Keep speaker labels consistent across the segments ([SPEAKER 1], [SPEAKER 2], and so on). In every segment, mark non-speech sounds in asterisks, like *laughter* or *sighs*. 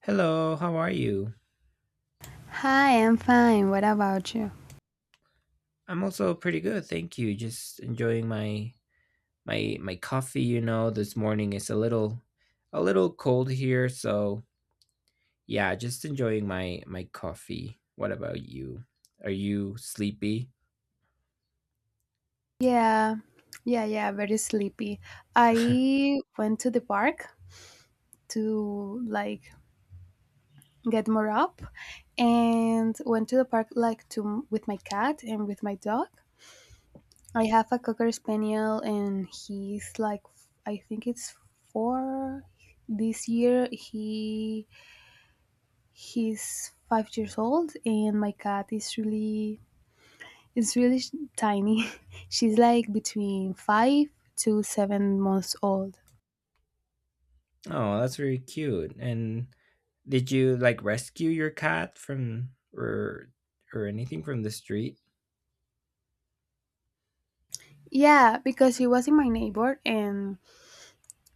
[SPEAKER 1] Hello, how are you?
[SPEAKER 2] Hi, I'm fine. What about you?
[SPEAKER 1] I'm also pretty good, thank you. Just enjoying my my coffee, you know, this morning is a little cold here, so yeah, just enjoying my coffee. What about you? Are you sleepy?
[SPEAKER 2] Yeah, yeah, yeah, very sleepy. I went to the park to like get more up, and went to the park like to with my cat and with my dog. I have a cocker spaniel and he's like I think it's 4 this year. He's 5 years old. And my cat is really. It's really tiny. *laughs* She's like between 5 to 7 months old.
[SPEAKER 1] Oh, that's very cute. And did you like rescue your cat from or anything from the street?
[SPEAKER 2] Yeah, because she was in my neighbor and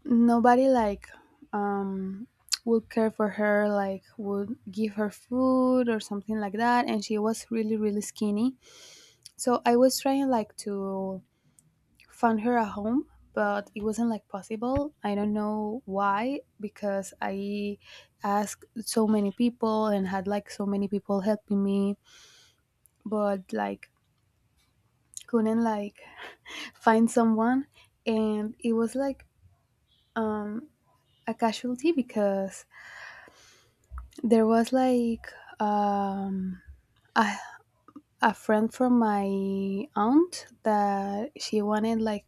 [SPEAKER 2] nobody like um would care for her, like would give her food or something like that. And she was really, really skinny. So I was trying like to find her a home, but it wasn't like possible. I don't know why, because I asked so many people and had like so many people helping me but like couldn't like find someone. And it was like um a casualty because there was like um a, a friend from my aunt that she wanted like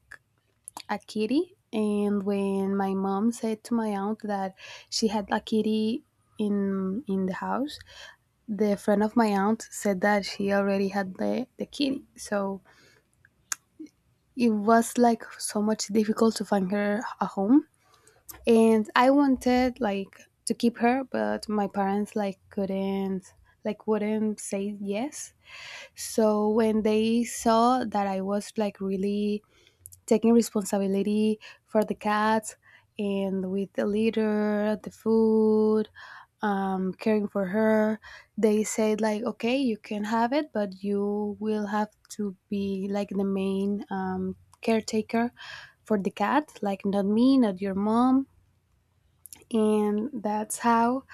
[SPEAKER 2] a kitty. And when my mom said to my aunt that she had a kitty in the house, the friend of my aunt said that she already had the kitty. So it was like so much difficult to find her a home, and I wanted like to keep her, but my parents like couldn't, like wouldn't say yes. So when they saw that I was like really taking responsibility for the cats and with the litter, the food, caring for her, they said like, okay, you can have it, but you will have to be like the main caretaker for the cat, like not me, not your mom. And that's how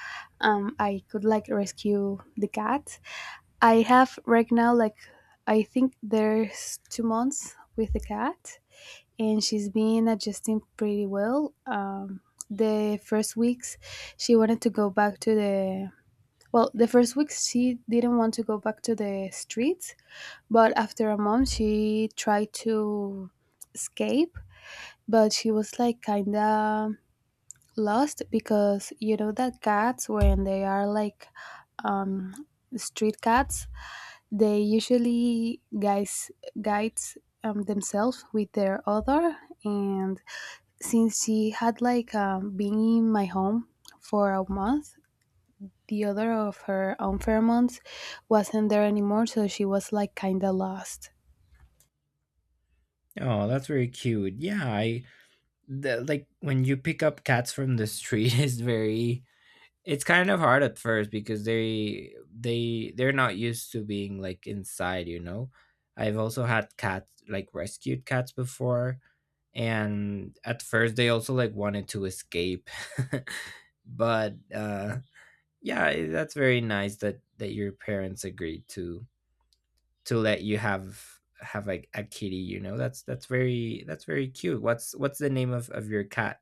[SPEAKER 2] I could like rescue the cat. I have right now like, I think there's 2 months with the cat, and she's been adjusting pretty well. The first weeks she wanted to go back to the, well, the first weeks she didn't want to go back to the streets, but after a month she tried to escape. But she was like kinda lost because you know that cats when they are like um street cats, they usually guys guides themselves with their other. And since she had like been in my home for a month, the other of her own pheromones wasn't there anymore, so she was like kind of lost.
[SPEAKER 1] Oh, that's very cute. Yeah, like when you pick up cats from the street *laughs* is very It's Kind of hard at first because they they're not used to being like inside, you know. I've also had cats like rescued cats before, and at first they also like wanted to escape. *laughs* But yeah, that's very nice that your parents agreed to let you have like a kitty, you know. That's that's very cute. What's the name of your cat?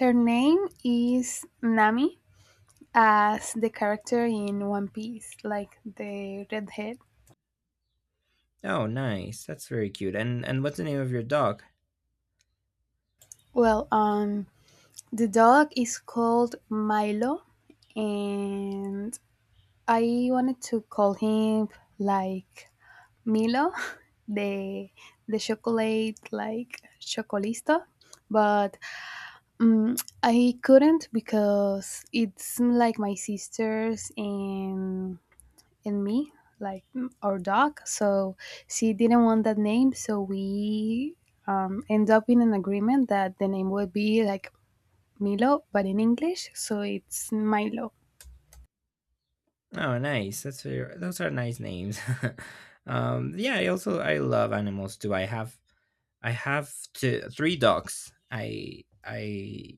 [SPEAKER 2] Her name is Nami, as the character in One Piece, like the redhead.
[SPEAKER 1] Oh, nice. That's very cute. And what's the name of your dog?
[SPEAKER 2] Well, the dog is called Milo. And I wanted to call him like Milo, *laughs* the chocolate, like Chocolisto, but I couldn't because it's like my sisters and me, like our dog. So she didn't want that name, so we end up in an agreement that the name would be like Milo, but in English, so it's Milo.
[SPEAKER 1] Oh, nice. That's very, those are nice names. *laughs* Yeah, I also I love animals too. I have two, three dogs. I I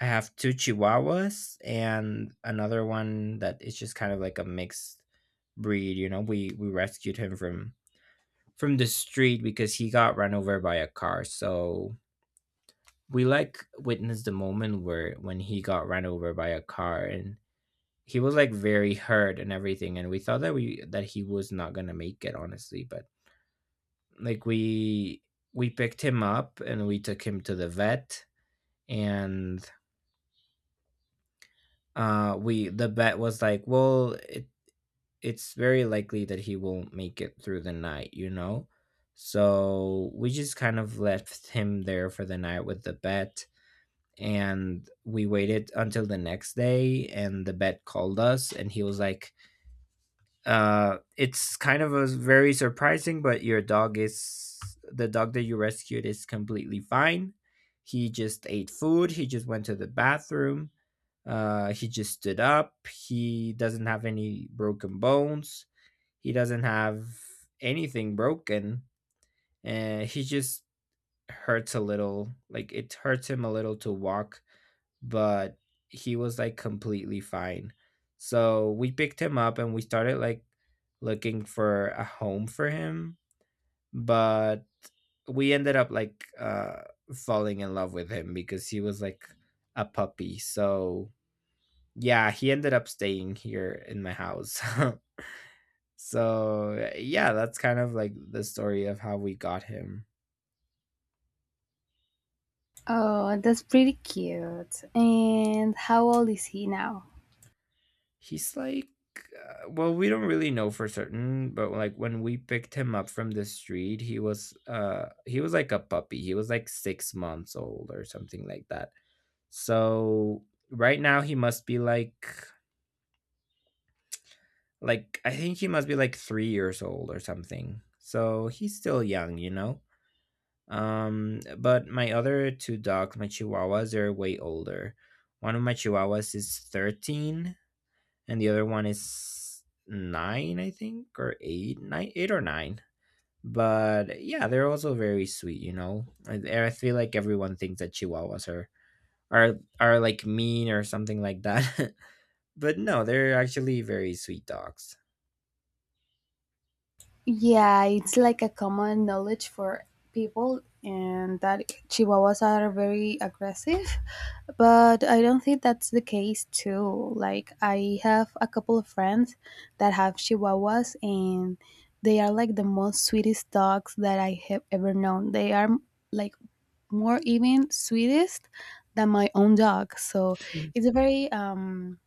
[SPEAKER 1] I have two Chihuahuas and another one that is just kind of like a mixed breed. You know, we rescued him from the street because he got run over by a car. So we like witnessed the moment where when he got run over by a car, he was like very hurt and everything, and we thought that he was not going to make it honestly, but like we picked him up and we took him to the vet. And we the vet was like, well, it's very likely that he won't make it through the night, you know. So we just kind of left him there for the night with the vet, and we waited until the next day and the vet called us and he was like, it's kind of a very surprising, but your dog is, the dog that you rescued, is completely fine. He just ate food, he just went to the bathroom, he just stood up, he doesn't have any broken bones, he doesn't have anything broken, and he just hurts a little. Like, it hurts him a little to walk, but he was like completely fine. So we picked him up and we started like looking for a home for him, but we ended up like falling in love with him because he was like a puppy. So yeah, he ended up staying here in my house. *laughs* So yeah, that's kind of like the story of how we got him.
[SPEAKER 2] Oh, that's pretty cute. And how old is he now?
[SPEAKER 1] He's like, well, we don't really know for certain, but like when we picked him up from the street, he was like a puppy. He was like 6 months old or something like that. So right now he must be like I think he must be like 3 years old or something. So he's still young, you know. Um, but my other two dogs, my chihuahuas, they're way older. One of my chihuahuas is 13 and the other one is nine, I think, or eight or nine. But yeah, they're also very sweet. You know, I feel like everyone thinks that Chihuahuas are are like mean or something like that, *laughs* but no, they're actually very sweet dogs.
[SPEAKER 2] Yeah, it's like a common knowledge for people and that chihuahuas are very aggressive, but I don't think that's the case too. Like I have a couple of friends that have chihuahuas, and they are like the most sweetest dogs that I have ever known. They are like more even sweetest than my own dog. So it's very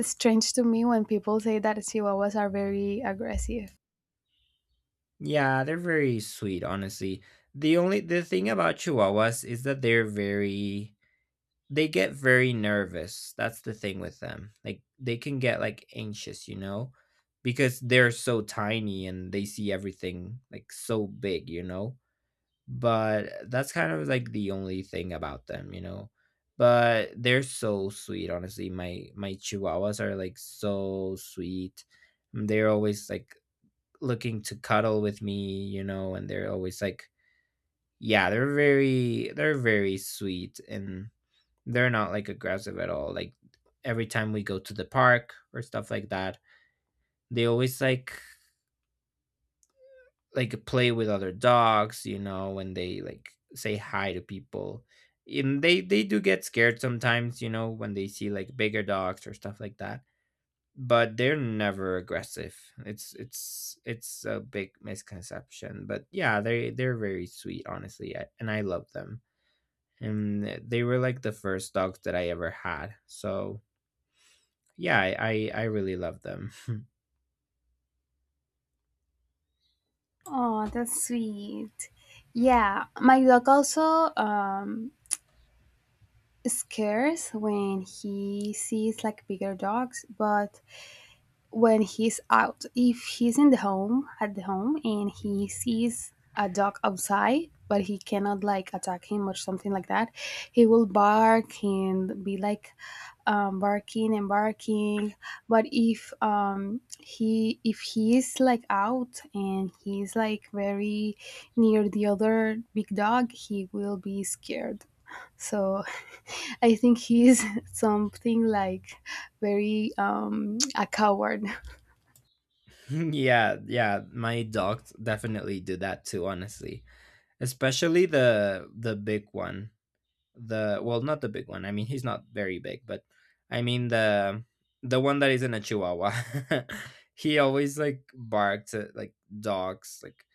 [SPEAKER 2] strange to me when people say that Chihuahuas are very aggressive.
[SPEAKER 1] Yeah, they're very sweet, honestly. The thing about chihuahuas is that they get very nervous. That's the thing with them. Like, they can get like anxious, you know, because they're so tiny and they see everything like so big, you know. But that's kind of like the only thing about them, you know. But they're so sweet, honestly. My chihuahuas are like so sweet. They're always like looking to cuddle with me, you know, and they're always like yeah, they're very sweet and they're not like aggressive at all. Like every time we go to the park or stuff like that, they always like play with other dogs, you know, when they like say hi to people. And they do get scared sometimes, you know, when they see like bigger dogs or stuff like that, but they're never aggressive. It's a big misconception, but yeah, they're very sweet, honestly. And I love them, and they were like the first dogs that I ever had. So yeah, I really love them. *laughs*
[SPEAKER 2] Oh, that's sweet. Yeah, my dog also scares when he sees like bigger dogs. But when he's out— if he's in the home, at the home, and he sees a dog outside, but he cannot like attack him or something like that, he will bark and be like barking and barking. But if he if he is like out and he's like very near the other big dog, he will be scared. So *laughs* I think he is *laughs* something like very a coward.
[SPEAKER 1] Yeah, yeah, my dogs definitely do that too, honestly, especially the big one. The Well, not the big one, I mean he's not very big, but I mean the one that isn't a chihuahua. *laughs* He always like barks at like dogs, like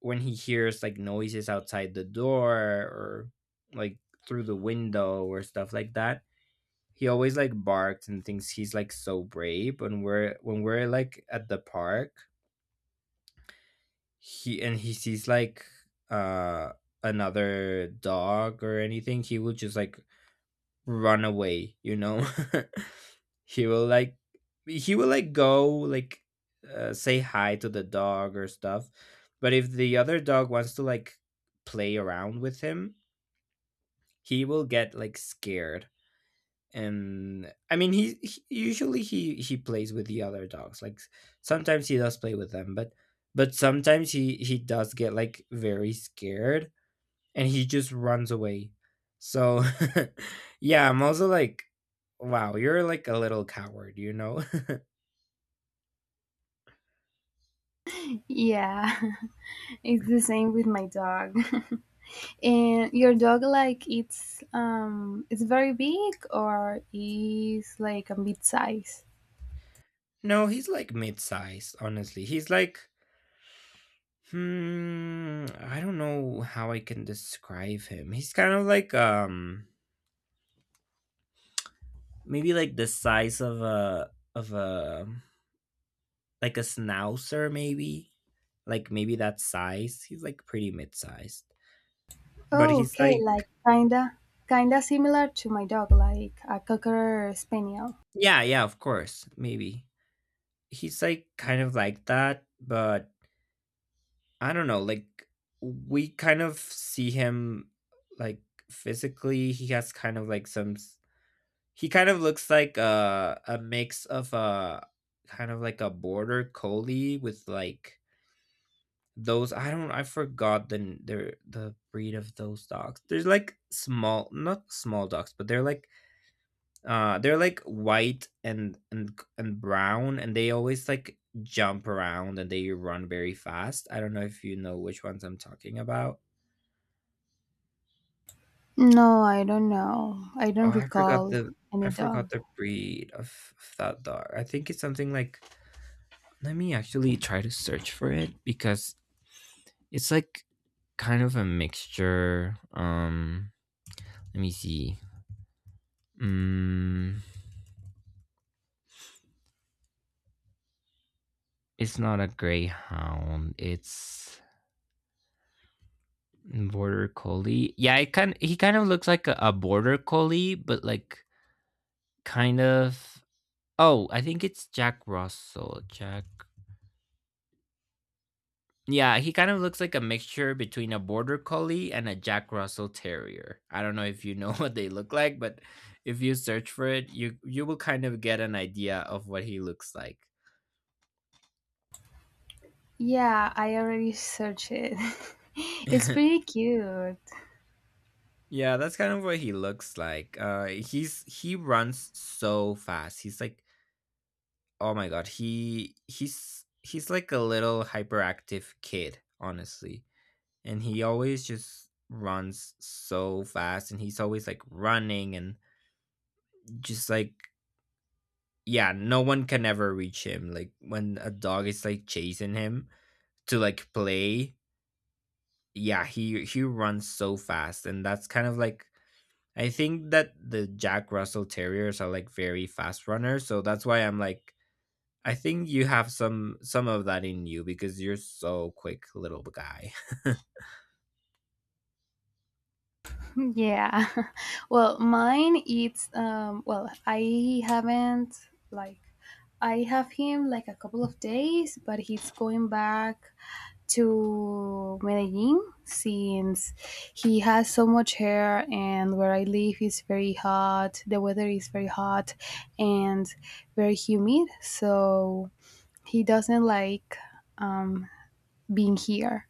[SPEAKER 1] when he hears like noises outside the door or like through the window or stuff like that. He always like barks and thinks he's like so brave. When we're like at the park, he, and he sees like uh another dog or anything, he will just like run away, you know? *laughs* he will like he will like go like say hi to the dog or stuff. But if the other dog wants to like play around with him, he will get like scared. And I mean he usually he plays with the other dogs. Like sometimes he does play with them, but sometimes he does get like very scared, and he just runs away. So *laughs* yeah, I'm also like, wow, you're like a little coward, you know?
[SPEAKER 2] Yeah, *laughs* it's the same with my dog. *laughs* And your dog, like, it's very big, or is like a mid size?
[SPEAKER 1] *laughs* No, he's like mid-sized, honestly. He's like, hmm, I don't know how I can describe him. He's kind of like, um, maybe like the size of a like a schnauzer, maybe like maybe that size. He's like pretty mid-sized, but
[SPEAKER 2] Oh,
[SPEAKER 1] he's
[SPEAKER 2] okay,
[SPEAKER 1] like
[SPEAKER 2] like kinda similar to my dog, like a cocker spaniel.
[SPEAKER 1] yeah, yeah, of course, maybe he's like kind of like that, but I don't know, like we kind of see him like physically. He has kind of like he kind of looks like a mix of a kind of like a border collie with like, those, I don't, I forgot the n- their the breed of those dogs. There's like small, not small dogs, but they're like white and brown, and they always like jump around and they run very fast. I don't know if you know which ones I'm talking about.
[SPEAKER 2] No, I don't know. I
[SPEAKER 1] Oh,
[SPEAKER 2] don't
[SPEAKER 1] I forgot
[SPEAKER 2] recall
[SPEAKER 1] the I
[SPEAKER 2] any
[SPEAKER 1] forgot
[SPEAKER 2] dog.
[SPEAKER 1] the breed of that dog. I think it's something like, let me actually try to search for it because it's like kind of a mixture. Let me see. Mm, it's not a greyhound. It's border collie. Yeah, it kind he kind of looks like a border collie, but like kind of. Oh, I think it's Jack Russell. Jack. Yeah, he kind of looks like a mixture between a border collie and a Jack Russell Terrier. I don't know if you know *laughs* what they look like, but if you search for it, you will kind of get an idea of what he looks like.
[SPEAKER 2] Yeah, I already searched it. *laughs* It's
[SPEAKER 1] *laughs*
[SPEAKER 2] pretty cute.
[SPEAKER 1] Yeah, that's kind of what he looks like. He's, he runs so fast. He's like, oh my god, he's like a little hyperactive kid, honestly. And he always just runs so fast, and he's always like running and just like, yeah, no one can ever reach him. Like when a dog is like chasing him to like play, yeah, he runs so fast, and that's kind of like I think that the Jack Russell Terriers are like very fast runners, so that's why I'm like, I think you have some of that in you, because you're so quick little guy. *laughs*
[SPEAKER 2] Yeah. *laughs* Well, mine it's, well, I haven't, like I have him like a couple of days, but he's going back to Medellin since he has so much hair and where I live is very hot. The weather is very hot and very humid, so he doesn't like um being here,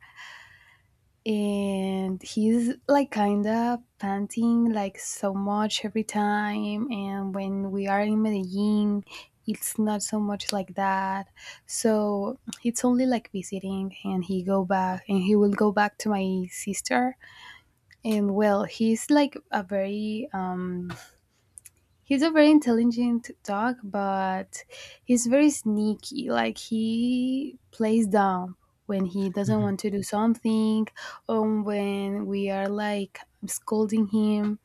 [SPEAKER 2] and he's like kind of panting like so much every time. And when we are in Medellin, it's not so much like that. So it's only like visiting, and he go back and he will go back to my sister. And well, he's like a very, he's a very intelligent dog, but he's very sneaky. Like he plays down when he doesn't
[SPEAKER 1] Mhm.
[SPEAKER 2] want to do something, or when we are like scolding him.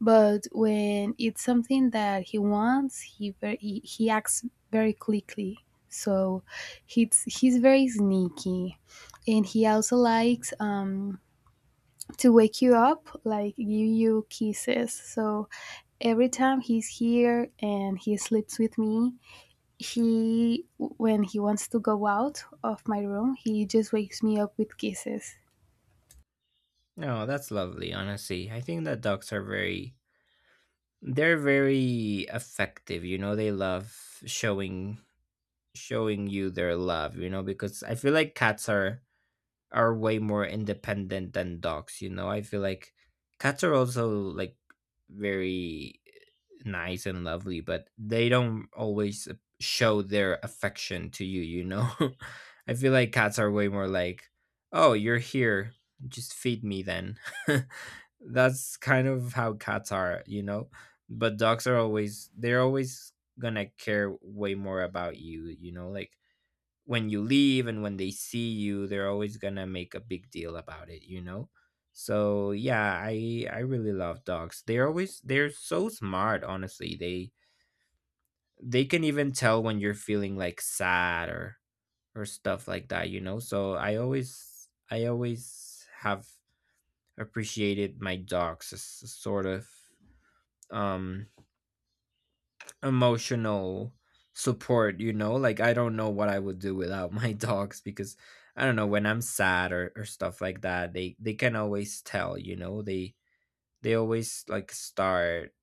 [SPEAKER 2] But when it's something that he wants, he acts very quickly. So he's very sneaky, and he also likes to wake you up, like give you kisses. So every time he's here and he sleeps with me, he when he wants to go out of my room, he just wakes me up with kisses.
[SPEAKER 1] No, that's lovely, honestly. I think that dogs are very, they're very effective, you know, they love showing you their love, you know, because I feel like cats are way more independent than dogs, you know. I feel like cats are also like very nice and lovely, but they don't always show their affection to you, you know. *laughs* I feel like cats are way more like, oh, you're here, just feed me then. *laughs* That's kind of how cats are, you know. But dogs are always gonna care way more about you, you know. Like when you leave and when they see you, they're always gonna make a big deal about it, you know. So yeah, i really love dogs. They're so smart, honestly. They can even tell when you're feeling like sad or stuff like that, you know. So i always have appreciated my dogs as a sort of um emotional support, you know? Like, I don't know what I would do without my *laughs* dogs, because I don't know, when I'm sad or stuff like that. They can always tell, you know. They always like start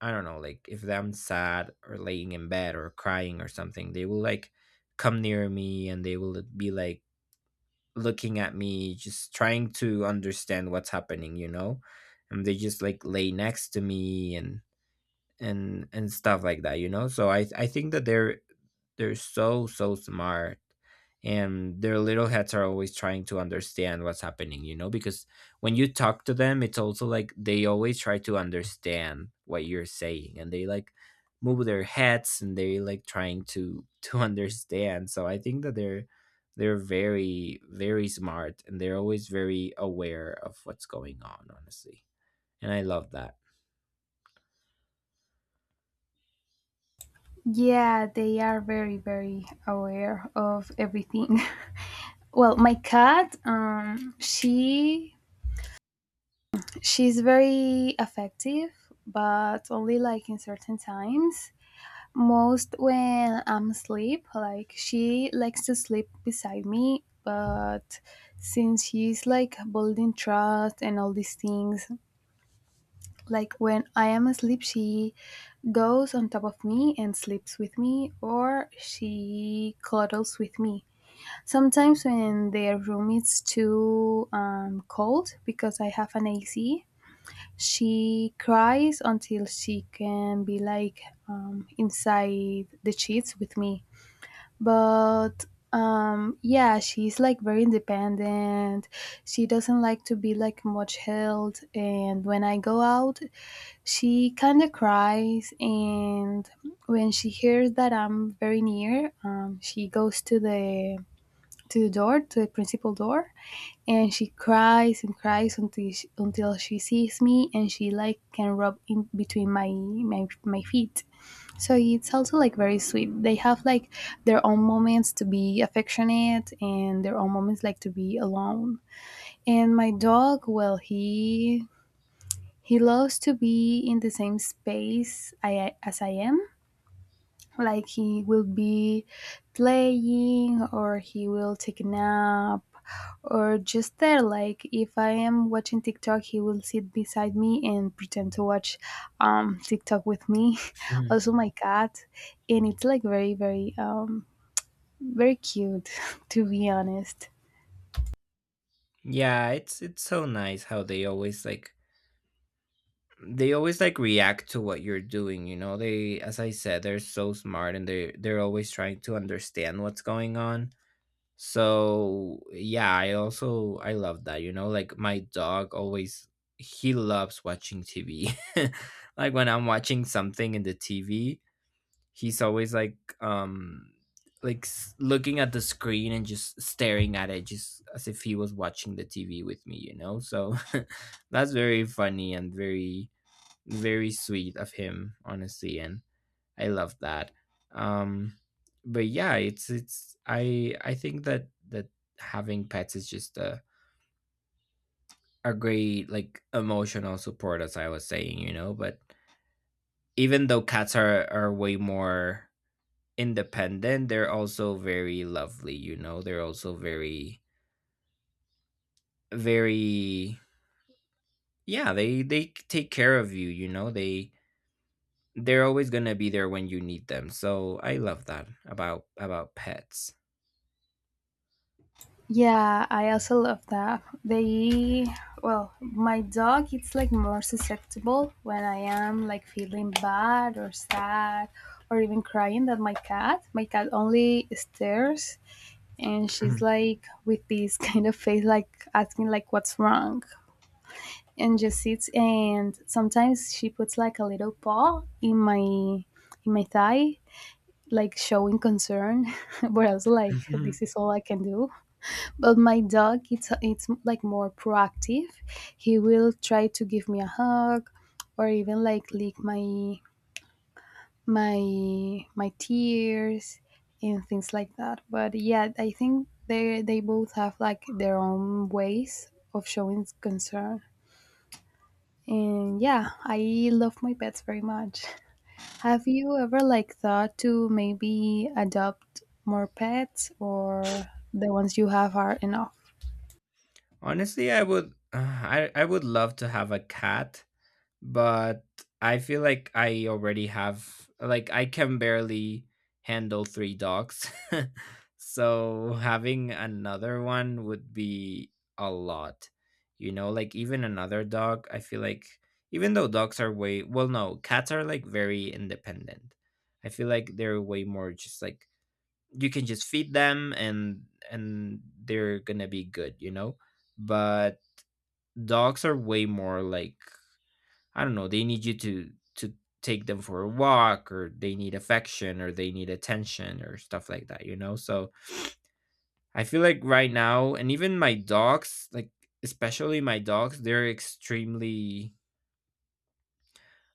[SPEAKER 1] I don't know, like If I'm sad or laying in bed or crying or something, they will like come near me and they will be like looking at me just trying to understand what's happening, you know? And they just like lay next to me and stuff like that, you know. So I think that they're so smart, and their little heads are always trying to understand what's happening, you know, because when you talk to them, it's also like they always try to understand what you're saying, and they like move their heads and they like trying to *laughs* to understand. So I think that they're very very smart, and they're always very aware of what's going on, honestly, and I love that.
[SPEAKER 2] Yeah, they are very very aware of everything. *laughs* Well, my cat, she's very affective, but only like in certain times, most when I'm asleep. Like she likes to sleep beside me, but since she's like building trust and all these things, like when I am asleep, she goes on top of me and sleeps with me, or she cuddles with me. Sometimes when their room is too cold because I have an AC. She cries until she can be like inside the sheets with me. But yeah, she's like very independent. She doesn't like to be like much held, and when I go out, she kind of cries. And when she hears that I'm very near, she goes to the door, to the principal door. And she cries and cries until she sees me, and she like can rub in between my feet, so it's also like very sweet. They have like their own moments to be affectionate and their own moments like to be alone. And my dog, well, he loves to be in the same space as I am. Like he will be playing or he will take a nap, or just there like if I am watching TikTok he will sit beside me and pretend to watch TikTok with me. *laughs*
[SPEAKER 1] *laughs*
[SPEAKER 2] Also my cat, and it's like very very very cute *laughs* to be honest.
[SPEAKER 1] Yeah, it's so nice how they always like react to what you're doing, you know? They, as I said, they're so smart, and they're always trying to understand what's going on. So yeah, I also I love that, you know? Like my dog always he loves watching TV. *laughs* Like when I'm watching something in the TV, he's always like looking at the screen and just staring at it, just as if he was watching the TV with me, you know. So *laughs* that's very funny and very very sweet of him, honestly, and I love that. um but yeah, it's it's I think that having pets is just a great like emotional support, as I was saying, you know. But even though cats are way more independent, they're also very lovely, you know, they're also very very yeah, they take care of you, you know. They they're always going to be there when you need them, so I love that about pets.
[SPEAKER 2] Yeah, I also love that. Well, my dog, it's like more susceptible when I am like feeling bad or sad or even crying than my cat. My cat only stares, and she's like with this *laughs* kind of face, like asking like what's wrong, and just sits. And sometimes she puts like a little paw in my thigh, like showing concern. *laughs* But I was like,
[SPEAKER 1] *laughs*
[SPEAKER 2] this is all I can do. But my dog, it's like more proactive. He will try to give me a hug, or even like lick my tears and things like that. But yeah, I think they both have like their own ways of showing concern. And yeah, I love my pets very much. Have you ever like thought to maybe adopt more pets, or the ones you have are enough?
[SPEAKER 1] Honestly, I would *sighs* I would love to have a cat, but I feel like I already have like I can barely handle three dogs. *laughs* So having another one would be a lot. You know, like even another dog, I feel like even though dogs are way well no, cats are like very independent. I feel like they're way more just like you can just feed them, and they're going to be good, you know? But dogs are way more like I don't know, they need you to take them for a walk, or they need affection, or they need attention, or stuff like that, you know? So I feel like right now, and even my dogs, like especially my dogs, they're extremely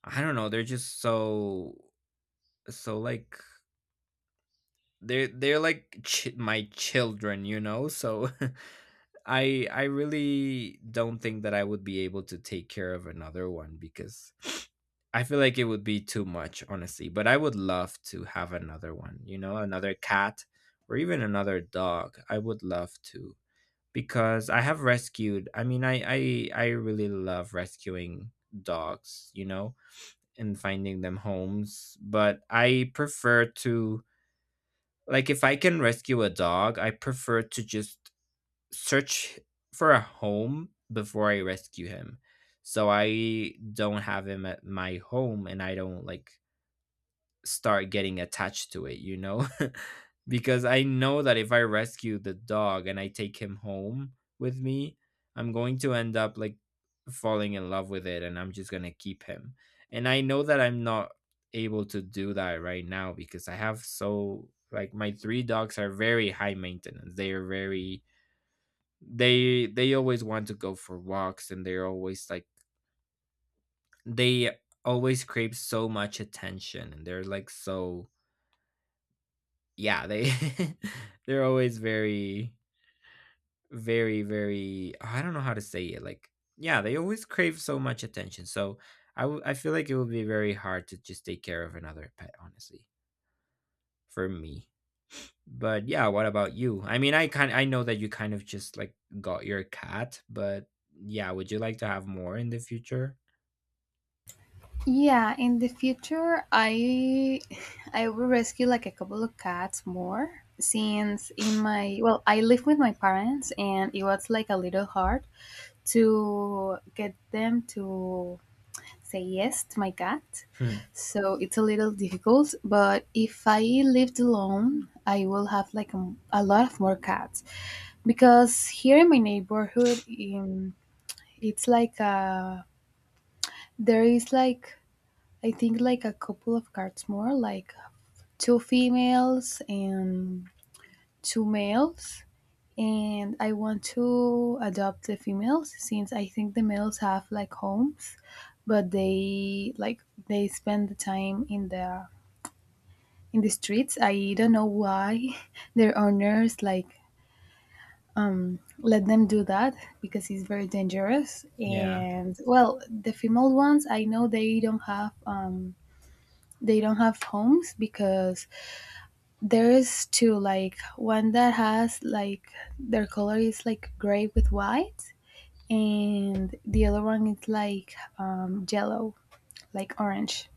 [SPEAKER 1] I don't know, they're just so so like they're like my children, you know? So *laughs* I really don't think that I would be able to take care of another one because *sniffs* I feel like it would be too much, honestly. But I would love to have another one, you know, another cat or even another dog. I would love to because I have rescued. I mean, I really love rescuing dogs, you know, and finding them homes, but I prefer to like if I can rescue a dog, I prefer to just search for a home before I rescue him. So I don't have him at my home, and I don't like start getting attached to it, you know? *laughs* Because I know that if I rescue the dog and I take him home with me, I'm going to end up like falling in love with it, and I'm just going to keep him. And I know that I'm not able to do that right now because I have so like my three dogs are very high maintenance. They are very they always want to go for walks, and they're always like they always crave so much attention, and they're like so yeah they *laughs* they're always very very very I don't know how to say it. Like yeah, they always crave so much attention. So I feel like it would be very hard to just take care of another pet, honestly, for me. But yeah, what about you? I mean, I know that you kind of just like got your cat, but yeah, would you like to have more in the future?
[SPEAKER 2] Yeah, in the future, I *laughs* I will rescue like a couple of cats more since in my, well, I live with my parents, and it was like a little hard to get them to say yes to my cat. So it's a little difficult, but if I lived alone, I will have like a lot of more cats because here in my neighborhood, it's like there is like, I think, like a couple of cards more, like two females and two males. And I want to adopt the females since I think the males have like homes, but they spend the time in the streets. I don't know why *laughs* their owners like let them do that because it's very dangerous.
[SPEAKER 1] Yeah.
[SPEAKER 2] And well, the female ones I know they don't have homes because there is two, like one that has like, their color is like gray with white, and the other one is like yellow, like orange.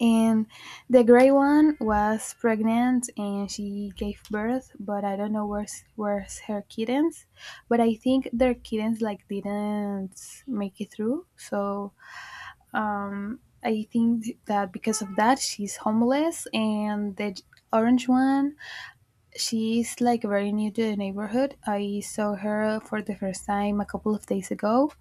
[SPEAKER 2] And the gray one was pregnant and she gave birth, but I don't know where's her kittens. But I think their kittens like didn't make it through, so I think that because of that she's homeless. And the orange one, she's like very new to the neighborhood. I saw her for the first time a couple of days ago,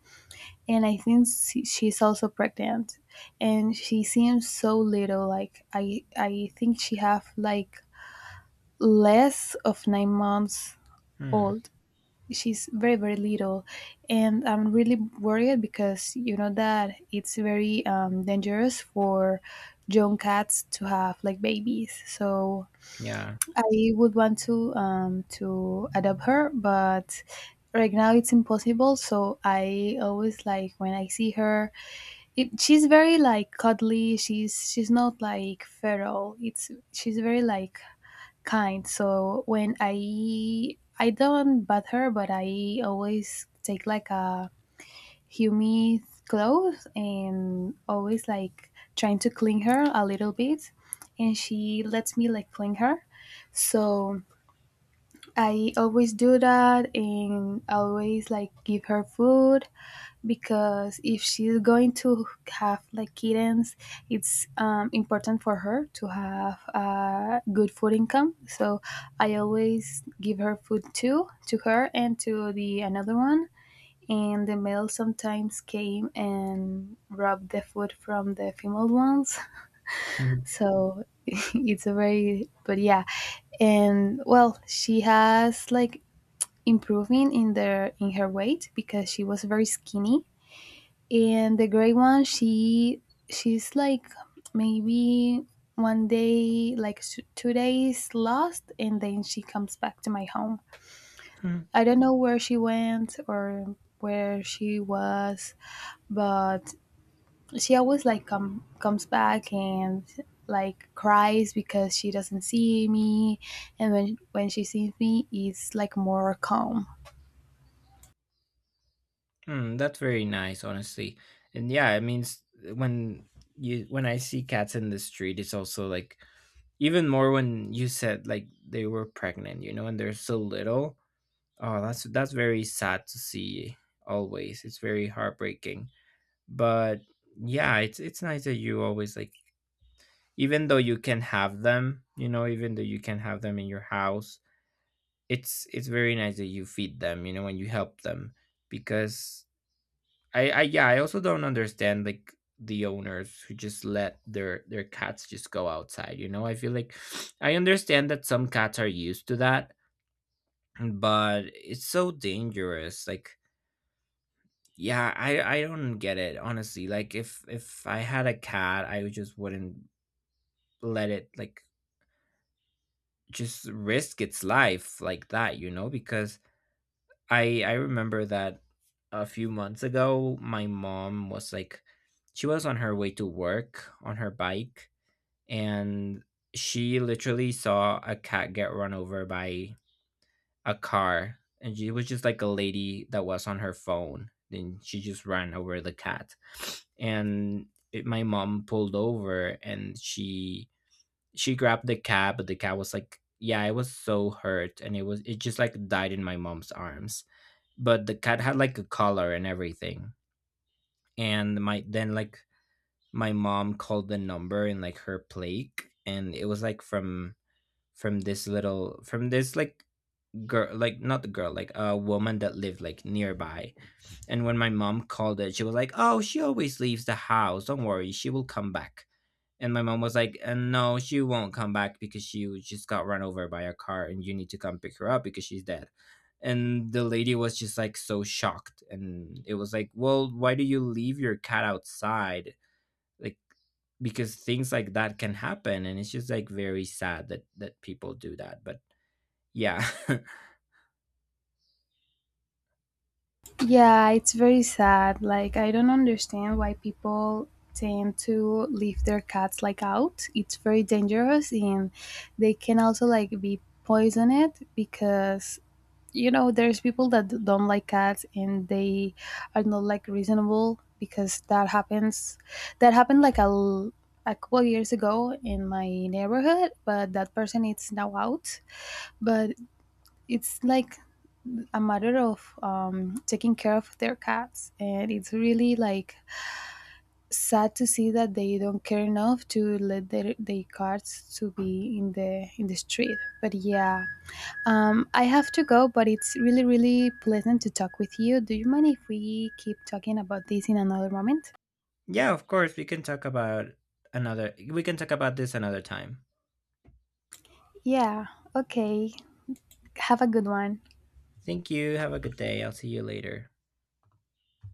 [SPEAKER 2] and I think she's also pregnant. And she seems so little. Like I think she have like less of 9 months
[SPEAKER 1] Hmm.
[SPEAKER 2] old. She's very very little, and I'm really worried because you know that it's very dangerous for young cats to have like babies. So
[SPEAKER 1] Yeah.
[SPEAKER 2] I would want to adopt her, but right now it's impossible. So I always like when I see her. She's very like cuddly. She's not like feral. It's she's very like kind. So when I don't bath her, but I always take like a humid clothes and always like trying to clean her a little bit, and she lets me like clean her. So I always do that and always like give her food because if she's going to have like kittens, it's important for her to have a good food income. So I always give her food too, to her and to the another one. And the male sometimes came and robbed the food from the female ones. *laughs*
[SPEAKER 1] *laughs*
[SPEAKER 2] So *laughs* it's a very, but yeah. And well, she has like improving in their in her weight because she was very skinny. And the gray one, she's like maybe one day, like 2 days lost, and then she comes back to my home.
[SPEAKER 1] Hmm.
[SPEAKER 2] I don't know where she went or where she was, but she always like comes back and like cries because she doesn't see me. And when she sees me it's like more calm.
[SPEAKER 1] Hmm. That's very nice, honestly. And yeah, I mean, when you when I see cats in the street, it's also like even more when you said like they were pregnant, you know, and they're so little. Oh, that's very sad to see. Always, it's very heartbreaking. But yeah, it's nice that you always like, even though you can have them, you know, even though you can have them in your house, it's very nice that you feed them, you know, and you help them, because I yeah, I also don't understand like the owners who just let their cats just go outside, you know. I feel like *sniffs* I understand that some cats are used to that, but it's so dangerous. Like yeah, I don't get it, honestly. Like if I had a cat, I would just wouldn't let it like just risk its life like that, you know. Because I remember that a few months ago, my mom was like, she was on her way to work on her bike, and she literally saw a cat get run over by a car, and she was just like a lady that was on her phone. Then she just ran over the cat, and it, my mom pulled over, and she grabbed the cat, but the cat was like, yeah, it was so hurt, and it was it just like died in my mom's arms. But the cat had like a collar and everything, and my then like my mom called the number in like her plague, and it was like from this little from this like girl, like not the girl, like a woman that lived like nearby. And when my mom called it, she was like, oh, she always leaves the house, don't worry, she will come back. And my mom was like, no, she won't come back because she was- just got run over by a car, and you need to come pick her up because she's dead. And the lady was just like so shocked, and it was like, well, why do you leave your cat outside? Like because things like that can happen, and it's just like very sad that that people do that, but yeah. *laughs*
[SPEAKER 2] Yeah, it's very sad. Like, I don't understand why people tend to leave their cats like out. It's very dangerous, and they can also like be poisoned because you know, there's people that don't like cats, and they are not like reasonable because that happens. That happened like a couple years ago in my neighborhood, but that person is now out. But it's like a matter of taking care of their cats, and it's really like sad to see that they don't care enough to let their cats to be in the street, but yeah, I have to go, but it's really really pleasant to talk with you. Do you mind if we keep talking about this in another moment?
[SPEAKER 1] Yeah, of course. We can talk about another. We can talk about this another time.
[SPEAKER 2] Yeah, okay, have a good one.
[SPEAKER 1] Thank you. Have a good day. I'll see you later.